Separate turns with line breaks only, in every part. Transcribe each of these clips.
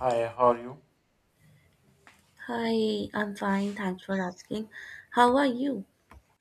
Hi, how are you?
Hi, I'm fine. Thanks for asking. How are you?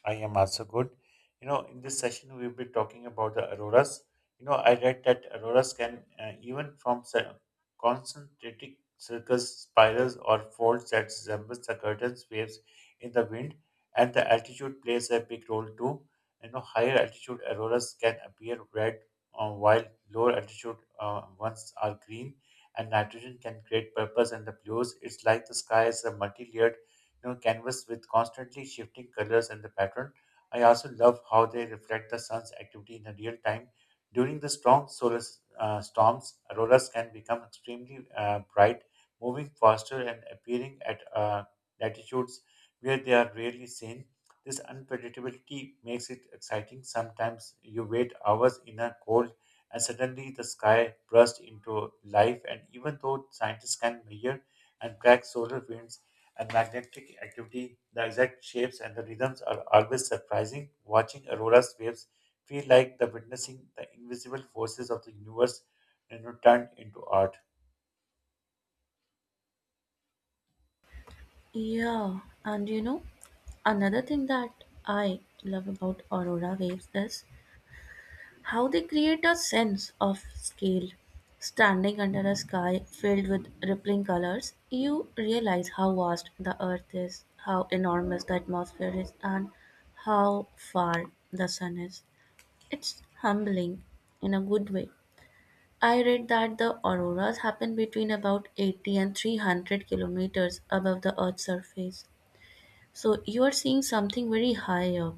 I am also good. In this session, we'll be talking about the auroras. I read that auroras can, concentric circles, spirals, or folds that resemble the curtains waves in the wind, and the altitude plays a big role too. Higher altitude auroras can appear red, while lower altitude ones are green, and nitrogen can create purples and the blues. It's like the sky is a multi-layered canvas with constantly shifting colors and the pattern. I also love how they reflect the sun's activity in the real time. During the strong storms, auroras can become extremely bright, moving faster and appearing at latitudes where they are rarely seen. This unpredictability makes it exciting. Sometimes you wait hours in a cold and suddenly the sky bursts into life. And even though scientists can measure and track solar winds, and magnetic activity, the exact shapes and the rhythms are always surprising. Watching aurora's waves feel like the witnessing the invisible forces of the universe, turned into art.
Yeah, and you know, another thing that I love about aurora waves is how they create a sense of scale. Standing under a sky filled with rippling colors, you realize how vast the earth is, how enormous the atmosphere is, and how far the sun is. It's humbling in a good way. I read that the auroras happen between about 80 and 300 km above the Earth's surface. So you are seeing something very high up,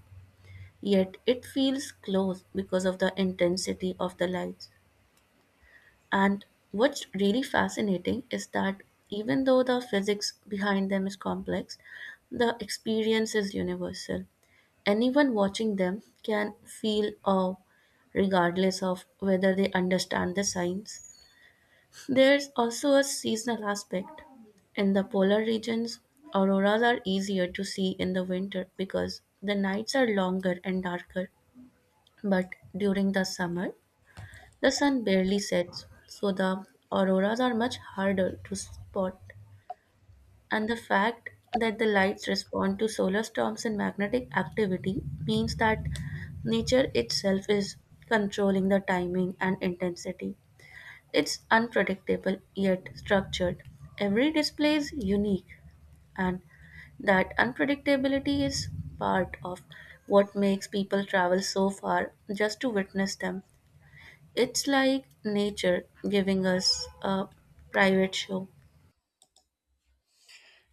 yet it feels close because of the intensity of the lights. And what's really fascinating is that even though the physics behind them is complex, the experience is universal. Anyone watching them can feel awe regardless of whether they understand the science. There's also a seasonal aspect. In the polar regions, auroras are easier to see in the winter because the nights are longer and darker. But during the summer, the sun barely sets, so the auroras are much harder to spot. And the fact that the lights respond to solar storms and magnetic activity means that nature itself is controlling the timing and intensity. It's unpredictable yet structured. Every display is unique, and that unpredictability is part of what makes people travel so far just to witness them. It's like nature giving us a private show.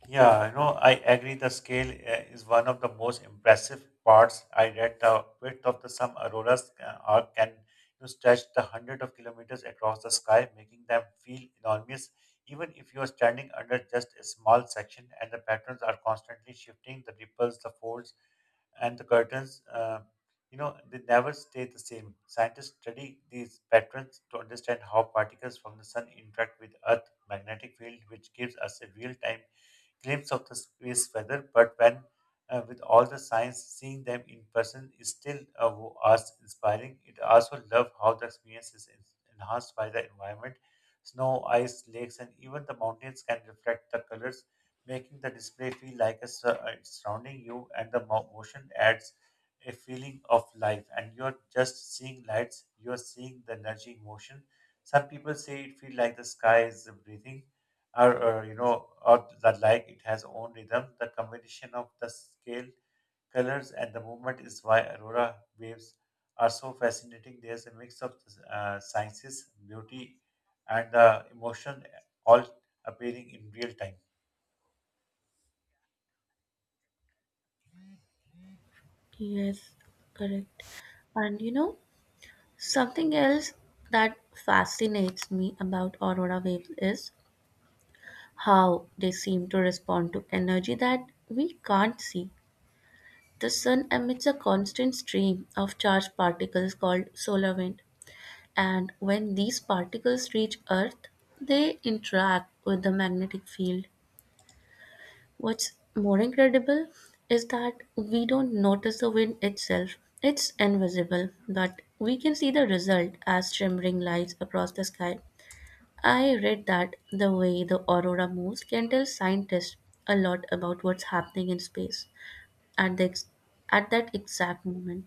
Yeah, I agree the scale is one of the most impressive parts. I read the width of the some auroras can stretch the hundred of kilometers across the sky, making them feel enormous. Even if you are standing under just a small section and the patterns are constantly shifting, the ripples, the folds, and the curtains, they never stay the same. Scientists study these patterns to understand how particles from the sun interact with Earth's magnetic field, which gives us a real-time glimpse of the space weather, but when with all the science, seeing them in person is still as inspiring. It also love how the experience is enhanced by the environment. Snow, ice, lakes, and even the mountains can reflect the colors, making the display feel like a it's surrounding you, and the motion adds a feeling of life. And you're just seeing lights, you're seeing the energy in motion. Some people say it feels like the sky is breathing or, or the like. It has own rhythm. The combination of the scale, colors, and the movement is why aurora waves are so fascinating. There's a mix of sciences, beauty, and the emotion all appearing in real time.
Yes, correct. And you know, something else that fascinates me about aurora waves is how they seem to respond to energy that we can't see. The Sun emits a constant stream of charged particles called solar wind, and when these particles reach Earth, they interact with the magnetic field. What's more incredible is that we don't notice the wind itself. It's invisible, but we can see the result as shimmering lights across the sky. I read that the way the aurora moves can tell scientists a lot about what's happening in space at the ex- at that exact moment.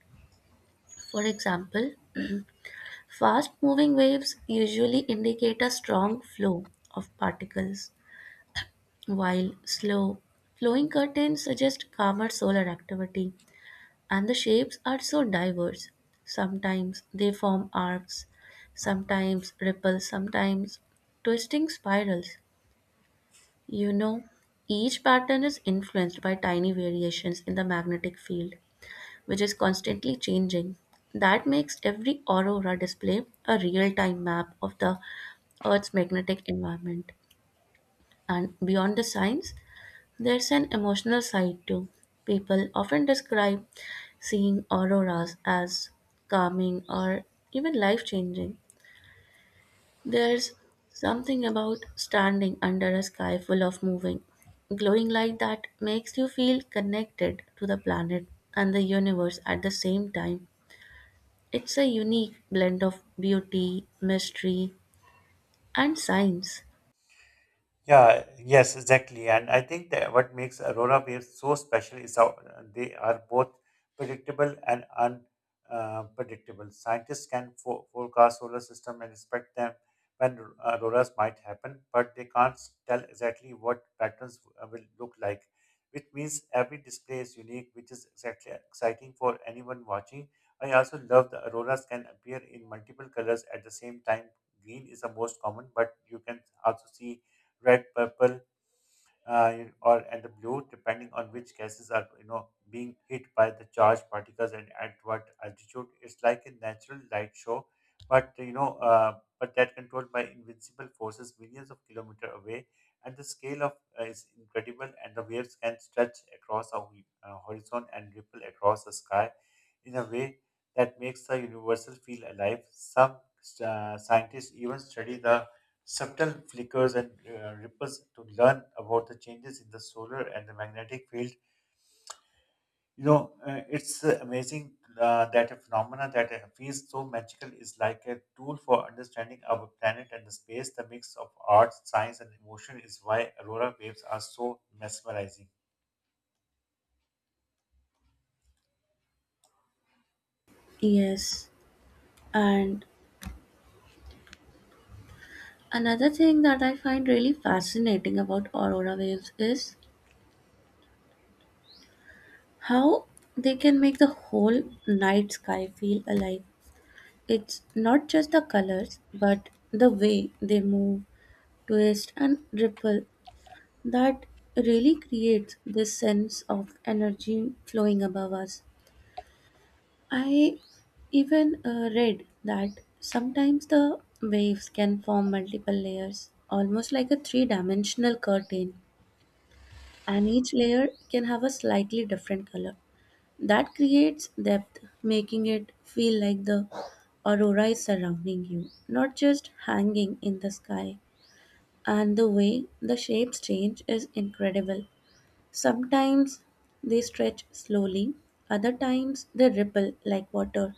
For example, fast-moving waves usually indicate a strong flow of particles, while slow, flowing curtains suggest calmer solar activity. And the shapes are so diverse. Sometimes they form arcs, sometimes ripples, sometimes twisting spirals. You know, each pattern is influenced by tiny variations in the magnetic field, which is constantly changing. That makes every aurora display a real time map of the Earth's magnetic environment. And beyond the science, there's an emotional side too. People often describe seeing auroras as calming or even life changing. There's something about standing under a sky full of moving, glowing light that makes you feel connected to the planet and the universe at the same time. It's a unique blend of beauty, mystery, and science.
Yeah, yes, exactly. And I think that what makes Aurora waves so special is how they are both predictable and unpredictable. Scientists can forecast solar system and expect them when auroras might happen, but they can't tell exactly what patterns will look like, which means every display is unique, which is exactly exciting for anyone watching. I also love the auroras can appear in multiple colors at the same time. Green is the most common, but you can also see red, purple, uh, or and the blue, depending on which gases are being hit by the charged particles and at what altitude. It's like a natural light show, but but that controlled by invincible forces millions of kilometers away. And the scale of is incredible, and the waves can stretch across a horizon and ripple across the sky in a way that makes the universal feel alive. Some scientists even study the subtle flickers and ripples to learn about the changes in the solar and the magnetic field. It's amazing that a phenomena that feels so magical is like a tool for understanding our planet and the space. The mix of art, science, and emotion is why aurora waves are so mesmerizing.
Yes, and another thing that I find really fascinating about aurora waves is how they can make the whole night sky feel alive. It's not just the colors, but the way they move, twist, and ripple that really creates this sense of energy flowing above us. I even read that sometimes the waves can form multiple layers, almost like a three dimensional curtain, and each layer can have a slightly different color. That creates depth, making it feel like the aurora is surrounding you, not just hanging in the sky. And the way the shapes change is incredible. Sometimes they stretch slowly, other times they ripple like water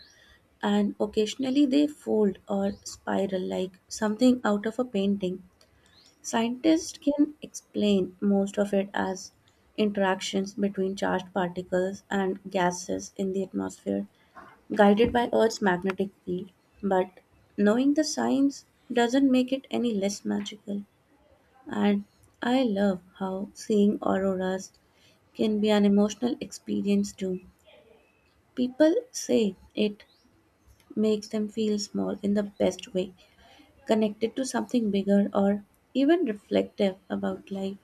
and occasionally they fold or spiral like something out of a painting. Scientists can explain most of it as interactions between charged particles and gases in the atmosphere, guided by Earth's magnetic field. But knowing the science doesn't make it any less magical. And I love how seeing auroras can be an emotional experience too. People say it makes them feel small in the best way connected to something bigger or even reflective about life.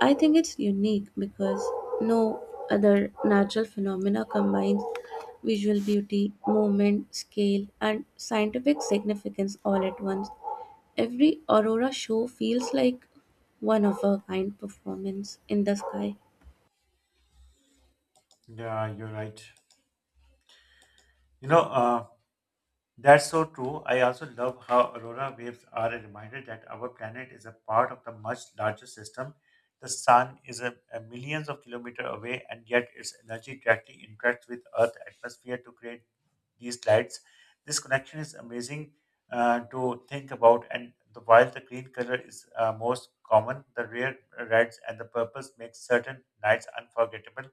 I think it's unique because no other natural phenomena combines visual beauty, movement, scale, and scientific significance all at once. Every aurora show feels like one of a kind performance in the sky.
Yeah, you're right. You know, uh, That's so true. I also love how aurora waves are a reminder that our planet is a part of the much larger system. The sun is a millions of kilometers away, and yet its energy directly interacts with Earth's atmosphere to create these lights. This connection is amazing to think about, and the, while the green color is most common, the rare reds and the purples make certain nights unforgettable,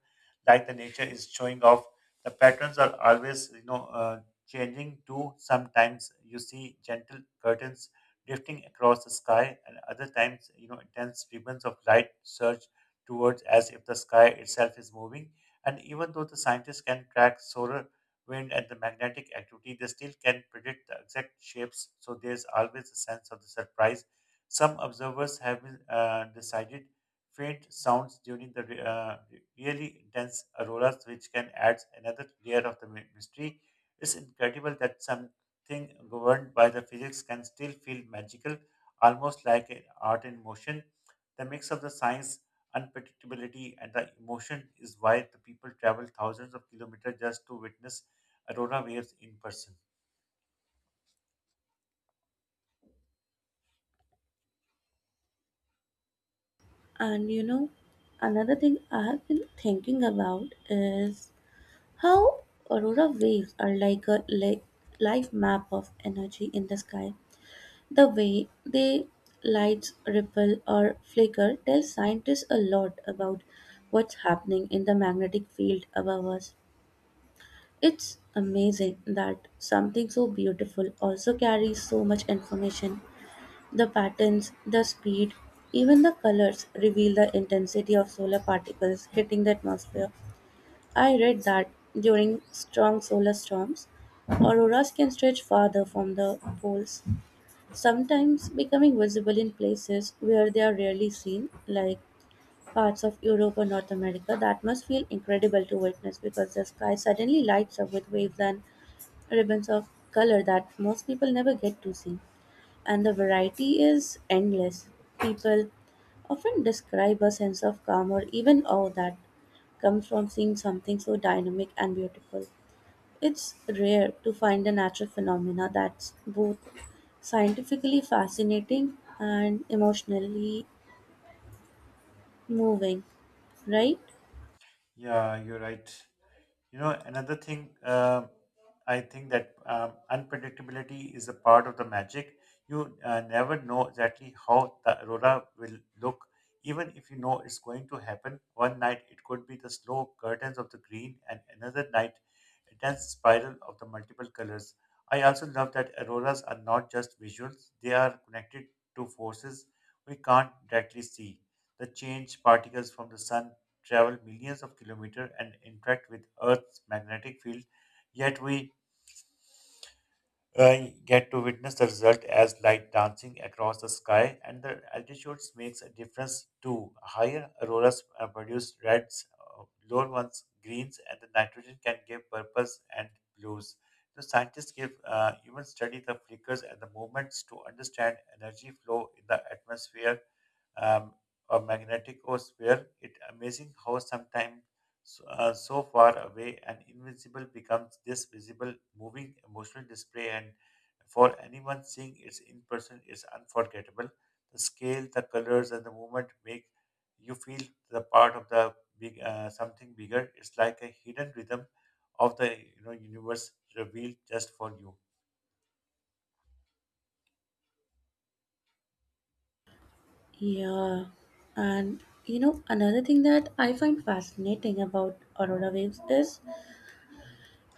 like the nature is showing off. The patterns are always, changing too. Sometimes you see gentle curtains drifting across the sky, and other times, intense ribbons of light surge towards as if the sky itself is moving. And even though the scientists can track solar wind and the magnetic activity, they still can predict the exact shapes. So there's always a sense of the surprise. Some observers have been, decided faint sounds during the really intense auroras, which can add another layer of the mystery. It's incredible that something governed by the physics can still feel magical, almost like a art in motion. The mix of the science, unpredictability, and the emotion is why the people travel thousands of kilometers just to witness aurora waves in person.
And you know, another thing I have been thinking about is how aurora waves are like a life map of energy in the sky. The way they lights ripple or flicker tells scientists a lot about what's happening in the magnetic field above us. It's amazing that something so beautiful also carries so much information. The patterns, the speed, even the colors reveal the intensity of solar particles hitting the atmosphere. I read that during strong solar storms, auroras can stretch farther from the poles, sometimes becoming visible in places where they are rarely seen, like parts of Europe or North America. That must feel incredible to witness because the sky suddenly lights up with waves and ribbons of color that most people never get to see and the variety is endless. People often describe a sense of calm or even awe that comes from seeing something so dynamic and beautiful. It's rare to find a natural phenomena that's both scientifically fascinating and emotionally moving, right?
Yeah, you're right. Another thing I think that unpredictability is a part of the magic. You never know exactly how the aurora will look, even if you know it's going to happen. One night it could be the slow curtains of the green, and another night a dense spiral of the multiple colors. I also love that auroras are not just visuals, they are connected to forces we can't directly see. The change particles from the sun travel millions of kilometers and interact with Earth's magnetic field, yet we get to witness the result as light dancing across the sky, and the altitudes makes a difference too. Higher auroras produce reds, lower ones greens, and the nitrogen can give purples and blues. The scientists give even study the flickers and the movements to understand energy flow in the atmosphere um, a magnetic or sphere. It amazing how sometimes so far away and invincible becomes this visible, moving emotional display. And for anyone seeing it in person, it's unforgettable. The scale, the colors, and the movement make you feel the part of the big something bigger. It's like a hidden rhythm of the universe revealed just for you.
Yeah, and you know, another thing that I find fascinating about aurora waves is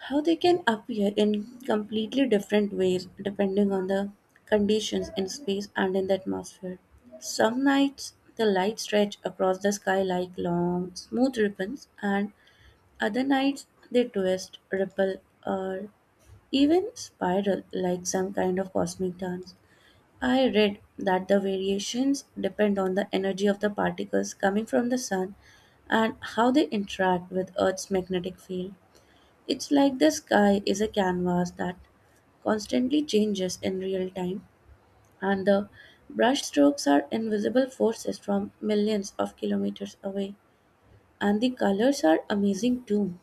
how they can appear in completely different ways depending on the conditions in space and in the atmosphere. Some nights the light stretch across the sky like long, smooth ribbons, and other nights they twist, ripple, or even spiral like some kind of cosmic dance. I read that the variations depend on the energy of the particles coming from the sun and how they interact with Earth's magnetic field. It's like the sky is a canvas that constantly changes in real time, and the brushstrokes are invisible forces from millions of kilometers away. And the colors are amazing too.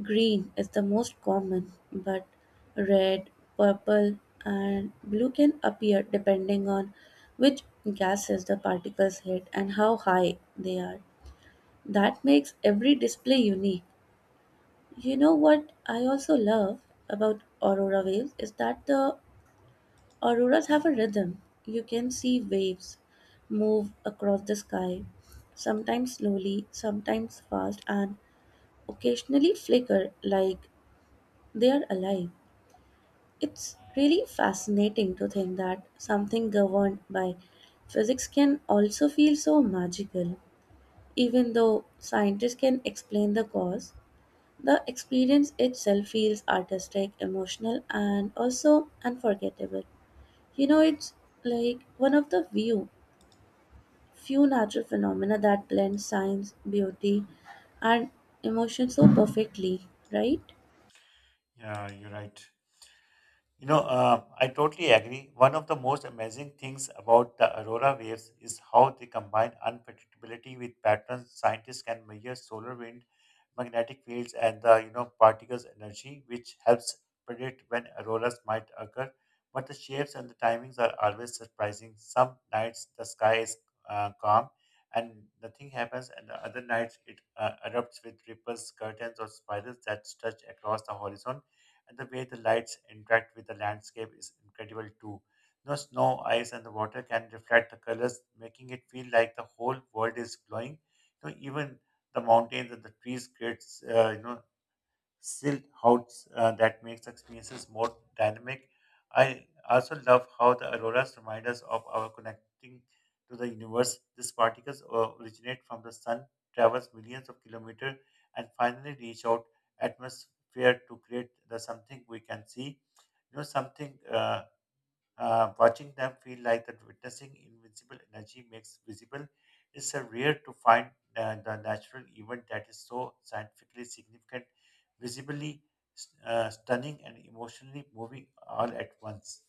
Green is the most common, but red, purple, and blue can appear depending on which gases the particles hit and how high they are. That makes every display unique. You know what I also love about aurora waves is that the auroras have a rhythm. You can see waves move across the sky, sometimes slowly, sometimes fast, and occasionally flicker like they are alive. It's really fascinating to think that something governed by physics can also feel so magical, even though scientists can explain the cause. The experience itself feels artistic, emotional, and also unforgettable. You know, it's like one of few natural phenomena that blend science, beauty, and emotion so perfectly, right?
Yeah, you're right. I totally agree. One of the most amazing things about the aurora waves is how they combine unpredictability with patterns. Scientists can measure solar wind, magnetic fields, and the particles energy, which helps predict when auroras might occur. But the shapes and the timings are always surprising. Some nights the sky is calm and nothing happens, and the other nights it erupts with ripples, curtains, or spirals that stretch across the horizon and the way the lights interact with the landscape is incredible too. The snow, ice, and the water can reflect the colors, making it feel like the whole world is glowing. You know, even the mountains and the trees creates still how that makes experiences more dynamic. I also love how the auroras remind us of our connecting to the universe. These particles originate from the sun, travels millions of kilometers, and finally reach out atmosphere to create the something we can see. You know, something Watching them feel like that witnessing invincible energy makes visible. It's a rare to find the natural event that is so scientifically significant, visibly stunning, and emotionally moving all at once.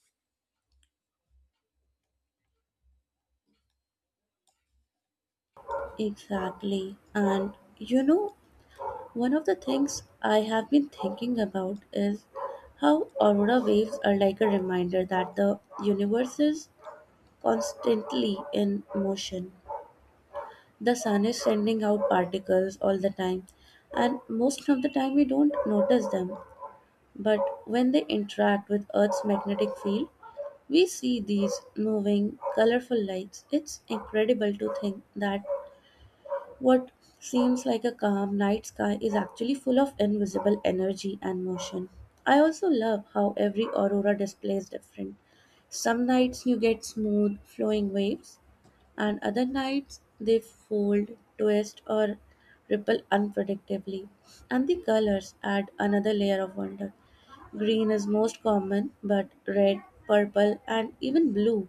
Exactly. And you know, one of the things I have been thinking about is how aurora waves are like a reminder that the universe is constantly in motion. The sun is sending out particles all the time, and most of the time we don't notice them. But when they interact with Earth's magnetic field, we see these moving, colorful lights. It's incredible to think that what seems like a calm night sky is actually full of invisible energy and motion. I also love how every aurora displays different. Some nights you get smooth flowing waves, and other nights they fold, twist, or ripple unpredictably. And the colors add another layer of wonder. Green is most common, but red, purple, and even blue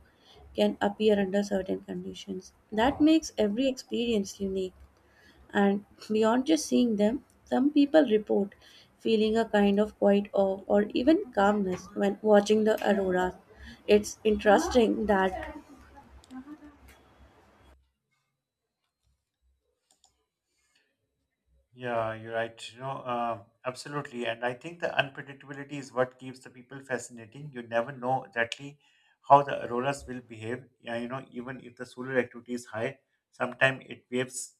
can appear under certain conditions. That makes every experience unique. And beyond just seeing them, some people report feeling a kind of quiet awe or even calmness when watching the aurora. It's interesting that,
Yeah, you're right. Absolutely. And I think the unpredictability is what keeps the people fascinating. You never know exactly how the auroras will behave. Yeah, even if the solar activity is high, sometimes it waves.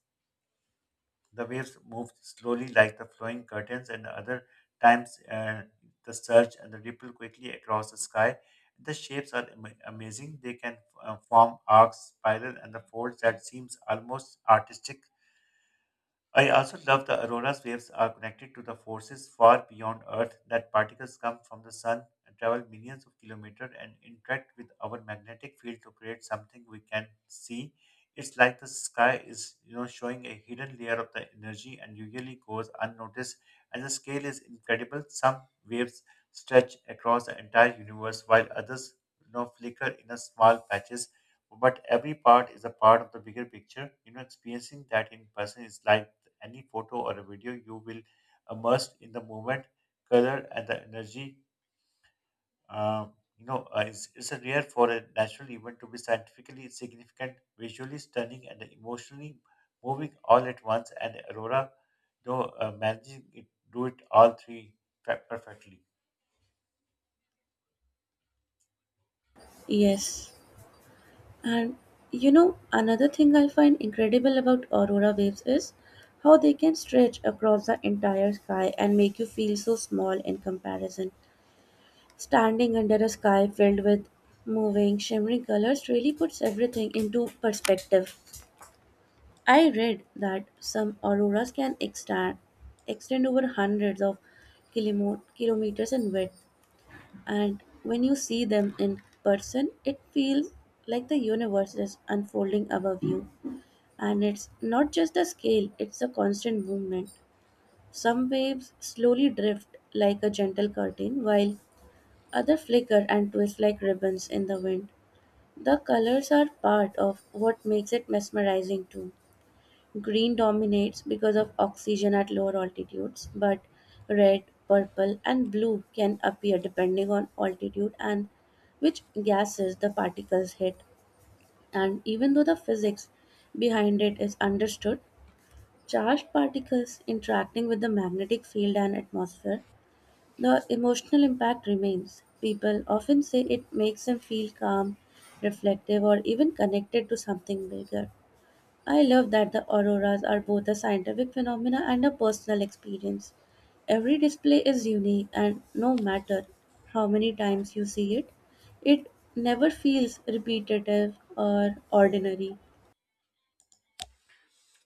The waves moved slowly like the flowing curtains, and other times the surge and the ripple quickly across the sky. The shapes are amazing. They can form arcs, spiral, and the folds that seems almost artistic. I also love the aurora's waves are connected to the forces far beyond Earth that particles come from the sun and travel millions of kilometers and interact with our magnetic field to create something we can see. It's like the sky is, showing a hidden layer of the energy and usually goes unnoticed. And the scale is incredible. Some waves stretch across the entire universe while others, flicker in a small patches. But every part is a part of the bigger picture. You know, experiencing that in person is like any photo or a video, you will immersed in the moment, color, and the energy. Uh, it's it's a rare for a natural event to be scientifically significant, visually stunning, and emotionally moving all at once. And Aurora, though, managing it, do it all three perfectly.
yes. And you know, another thing I find incredible about aurora waves is how they can stretch across the entire sky and make you feel so small in comparison. Standing under a sky filled with moving, shimmering colors really puts everything into perspective. I read that some auroras can extend over hundreds of kilometers in width, and when you see them in person, it feels like the universe is unfolding above you. And it's not just the scale, it's a constant movement. Some waves slowly drift like a gentle curtain, while other flicker and twist like ribbons in the wind. The colors are part of what makes it mesmerizing too. Green dominates because of oxygen at lower altitudes, but red, purple, and blue can appear depending on altitude and which gases the particles hit. And even though the physics behind it is understood, charged particles interacting with the magnetic field and atmosphere, the emotional impact remains. People often say it makes them feel calm, reflective, or even connected to something bigger. I love that the auroras are both a scientific phenomena and a personal experience. Every display is unique, and no matter how many times you see it, it never feels repetitive or ordinary.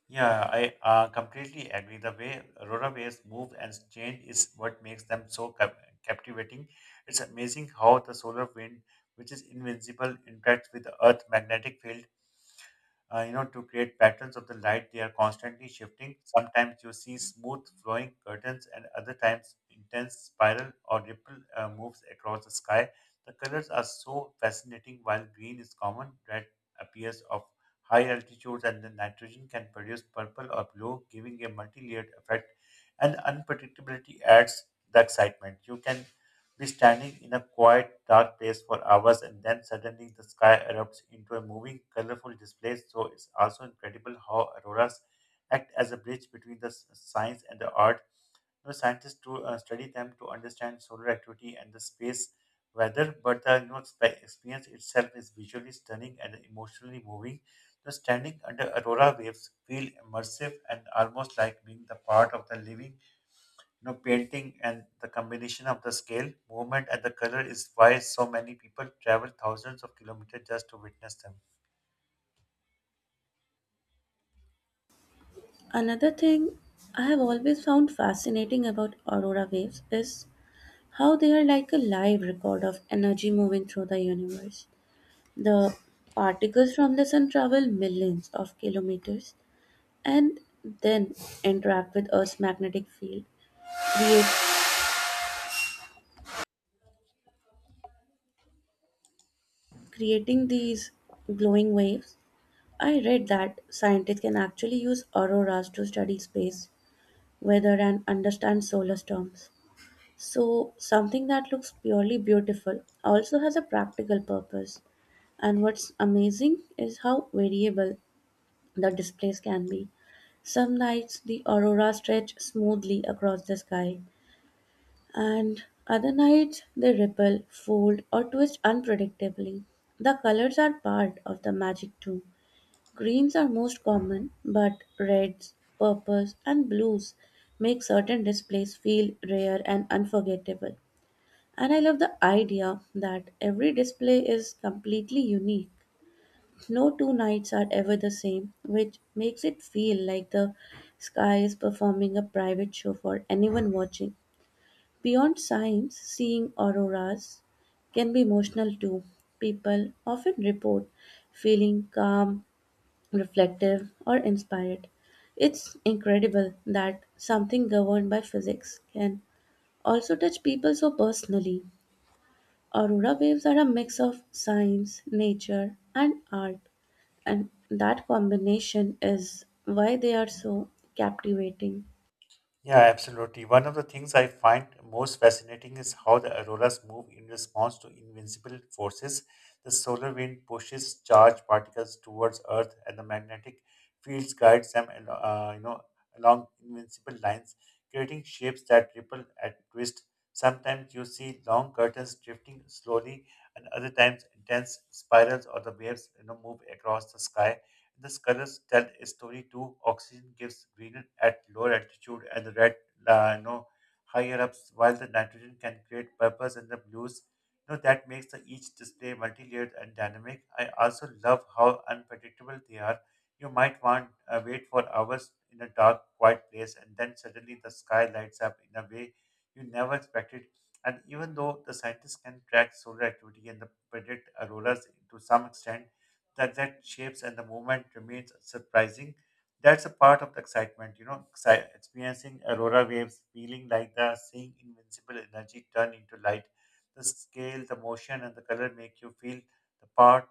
Yeah, I completely agree. The way runaways move and change is what makes them so captivating. It's amazing how the solar wind, which is invincible, interacts with the Earth's magnetic field to create patterns of the light. They are constantly shifting. Sometimes you see smooth flowing curtains, and other times intense spiral or ripple moves across the sky. The colors are so fascinating. While green is common, red appears of high altitudes, and the nitrogen can produce purple or blue, giving a multi-layered effect. And unpredictability adds the excitement. You can be standing in a quiet, dark place for hours, and then suddenly the sky erupts into a moving, colorful display. So it's also incredible how auroras act as a bridge between the science and the art. Scientists to study them to understand solar activity and the space weather, but the experience itself is visually stunning and emotionally moving. The standing under aurora waves feel immersive and almost like being the part of the living painting, and the combination of the scale movement and the color is why so many people travel thousands of kilometers just to witness them.
Another thing I have always found fascinating about aurora waves is how they are like a live record of energy moving through the universe. The particles from the sun travel millions of kilometers and then interact with Earth's magnetic field, create, creating these glowing waves. I read that scientists can actually use auroras to study space, weather, and understand solar storms. So, something that looks purely beautiful also has a practical purpose. And what's amazing is how variable the displays can be. Some nights the aurora stretch smoothly across the sky, and other nights they ripple, fold, or twist unpredictably. The colors are part of the magic too. Greens are most common, but reds, purples, and blues make certain displays feel rare and unforgettable. And I love the idea that every display is completely unique. No two nights are ever the same, which makes it feel like the sky is performing a private show for anyone watching. Beyond science, seeing auroras can be emotional too. People often report feeling calm, reflective, or inspired. It's incredible that something governed by physics can also touch people so personally. Aurora waves are a mix of science, nature, and art, and that combination is why they are so captivating.
Yeah, absolutely. One of the things I find most fascinating is how the auroras move in response to invincible forces. The solar wind pushes charged particles towards Earth, and the magnetic fields guides them, along invincible lines, creating shapes that ripple and twist. Sometimes you see long curtains drifting slowly, and other times intense spirals or the waves, move across the sky. The colors tell a story too. Oxygen gives green at lower altitude and the red, no, higher ups, while the nitrogen can create purples and the blues. That makes the each display multi-layered and dynamic. I also love how unpredictable they are. You might want wait for hours in a dark, quiet place, and then suddenly the sky lights up in a way you never expected. And even though the scientists can track solar activity and the predict auroras to some extent, the exact shapes and the movement remains surprising. That's a part of the excitement, experiencing aurora waves, feeling like the seeing invincible energy turn into light. The scale, the motion, and the color make you feel the part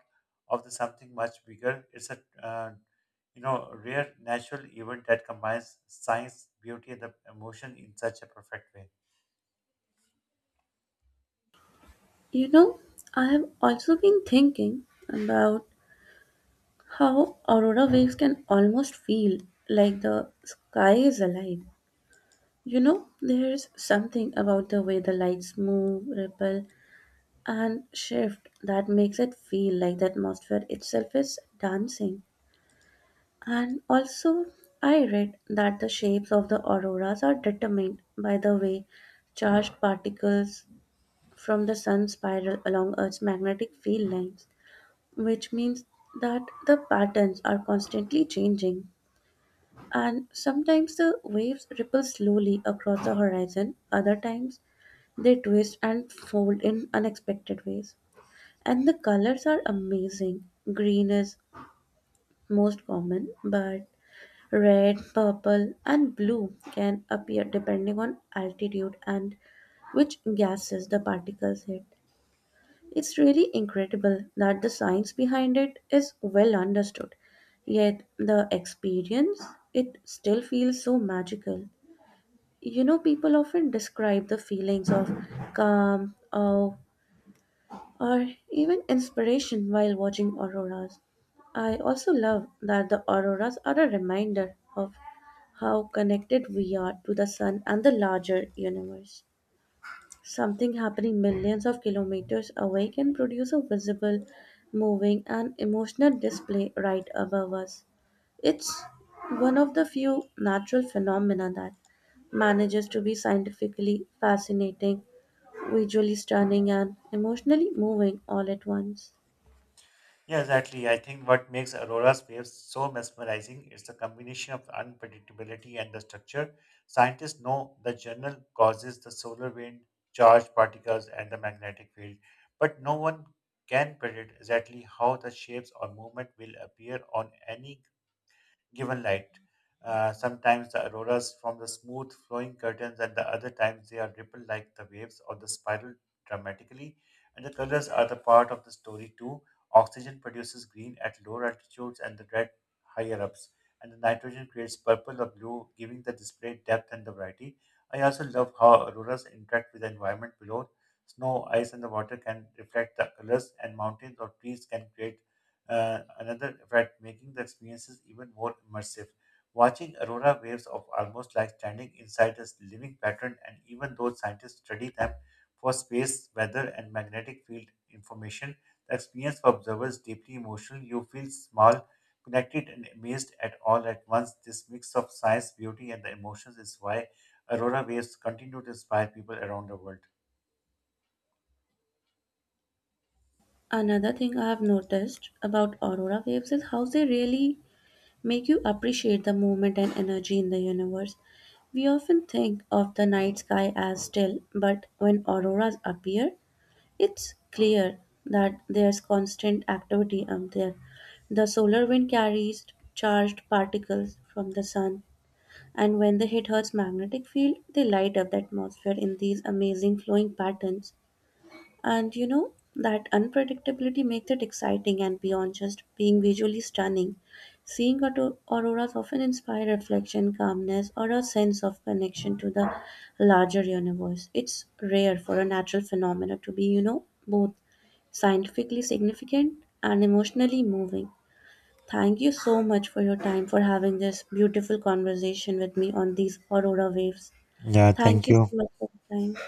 of the something much bigger. It's a uh, rare natural event that combines science, beauty, and the emotion in such a perfect way.
You know, I have also been thinking about how aurora waves can almost feel like the sky is alive. You know, there's something about the way the lights move, ripple, and shift that makes it feel like the atmosphere itself is dancing. And also, I read that the shapes of the auroras are determined by the way charged particles from the sun spiral along Earth's magnetic field lines, which means that the patterns are constantly changing. And sometimes the waves ripple slowly across the horizon, other times they twist and fold in unexpected ways. And the colors are amazing. Green is most common, but red, purple, and blue can appear depending on altitude and which gases the particles hit. It's really incredible that the science behind it is well understood, yet the experience it still feels so magical. You know, people often describe the feelings of calm, awe, or even inspiration while watching auroras. I also love that the auroras are a reminder of how connected we are to the sun and the larger universe. Something happening millions of kilometers away can produce a visible, moving, and emotional display right above us. It's one of the few natural phenomena that manages to be scientifically fascinating visually stunning and emotionally moving all at once.
Yeah, exactly. I think what makes Aurora's waves so mesmerizing is the combination of unpredictability and the structure. Scientists know the general causes, the solar wind, charged particles, and the magnetic field, but no one can predict exactly how the shapes or movement will appear on any given light. Sometimes the auroras form the smooth flowing curtains, and the other times they are rippled like the waves or the spiral dramatically. And the colors are the part of the story too. Oxygen produces green at lower altitudes and the red higher ups, and the nitrogen creates purple or blue, giving the display depth and the variety. I also love how auroras interact with the environment below. Snow, ice, and the water can reflect the colors, and mountains or trees can create another red, making the experiences even more immersive. Watching aurora waves of almost like standing inside a living pattern, and even though scientists study them for space, weather, and magnetic field information, the experience for observers is deeply emotional. You feel small, connected, and amazed at all at once. This mix of science, beauty, and the emotions is why aurora waves continue to inspire people around the world.
Another thing I have noticed about aurora waves is how they really make you appreciate the movement and energy in the universe. We often think of the night sky as still, but when auroras appear, it's clear that there's constant activity up there. The solar wind carries charged particles from the sun and when they hit Earth's magnetic field, they light up the atmosphere in these amazing flowing patterns. And you know, that unpredictability makes it exciting and beyond just being visually stunning. Seeing auroras often inspire reflection, calmness, or a sense of connection to the larger universe. It's rare for a natural phenomena to be, you know, both scientifically significant and emotionally moving. Thank you so much for your time for having this beautiful conversation with me on these Aurora waves.
Yeah,
Thank
thank
you so
you.
much for your time.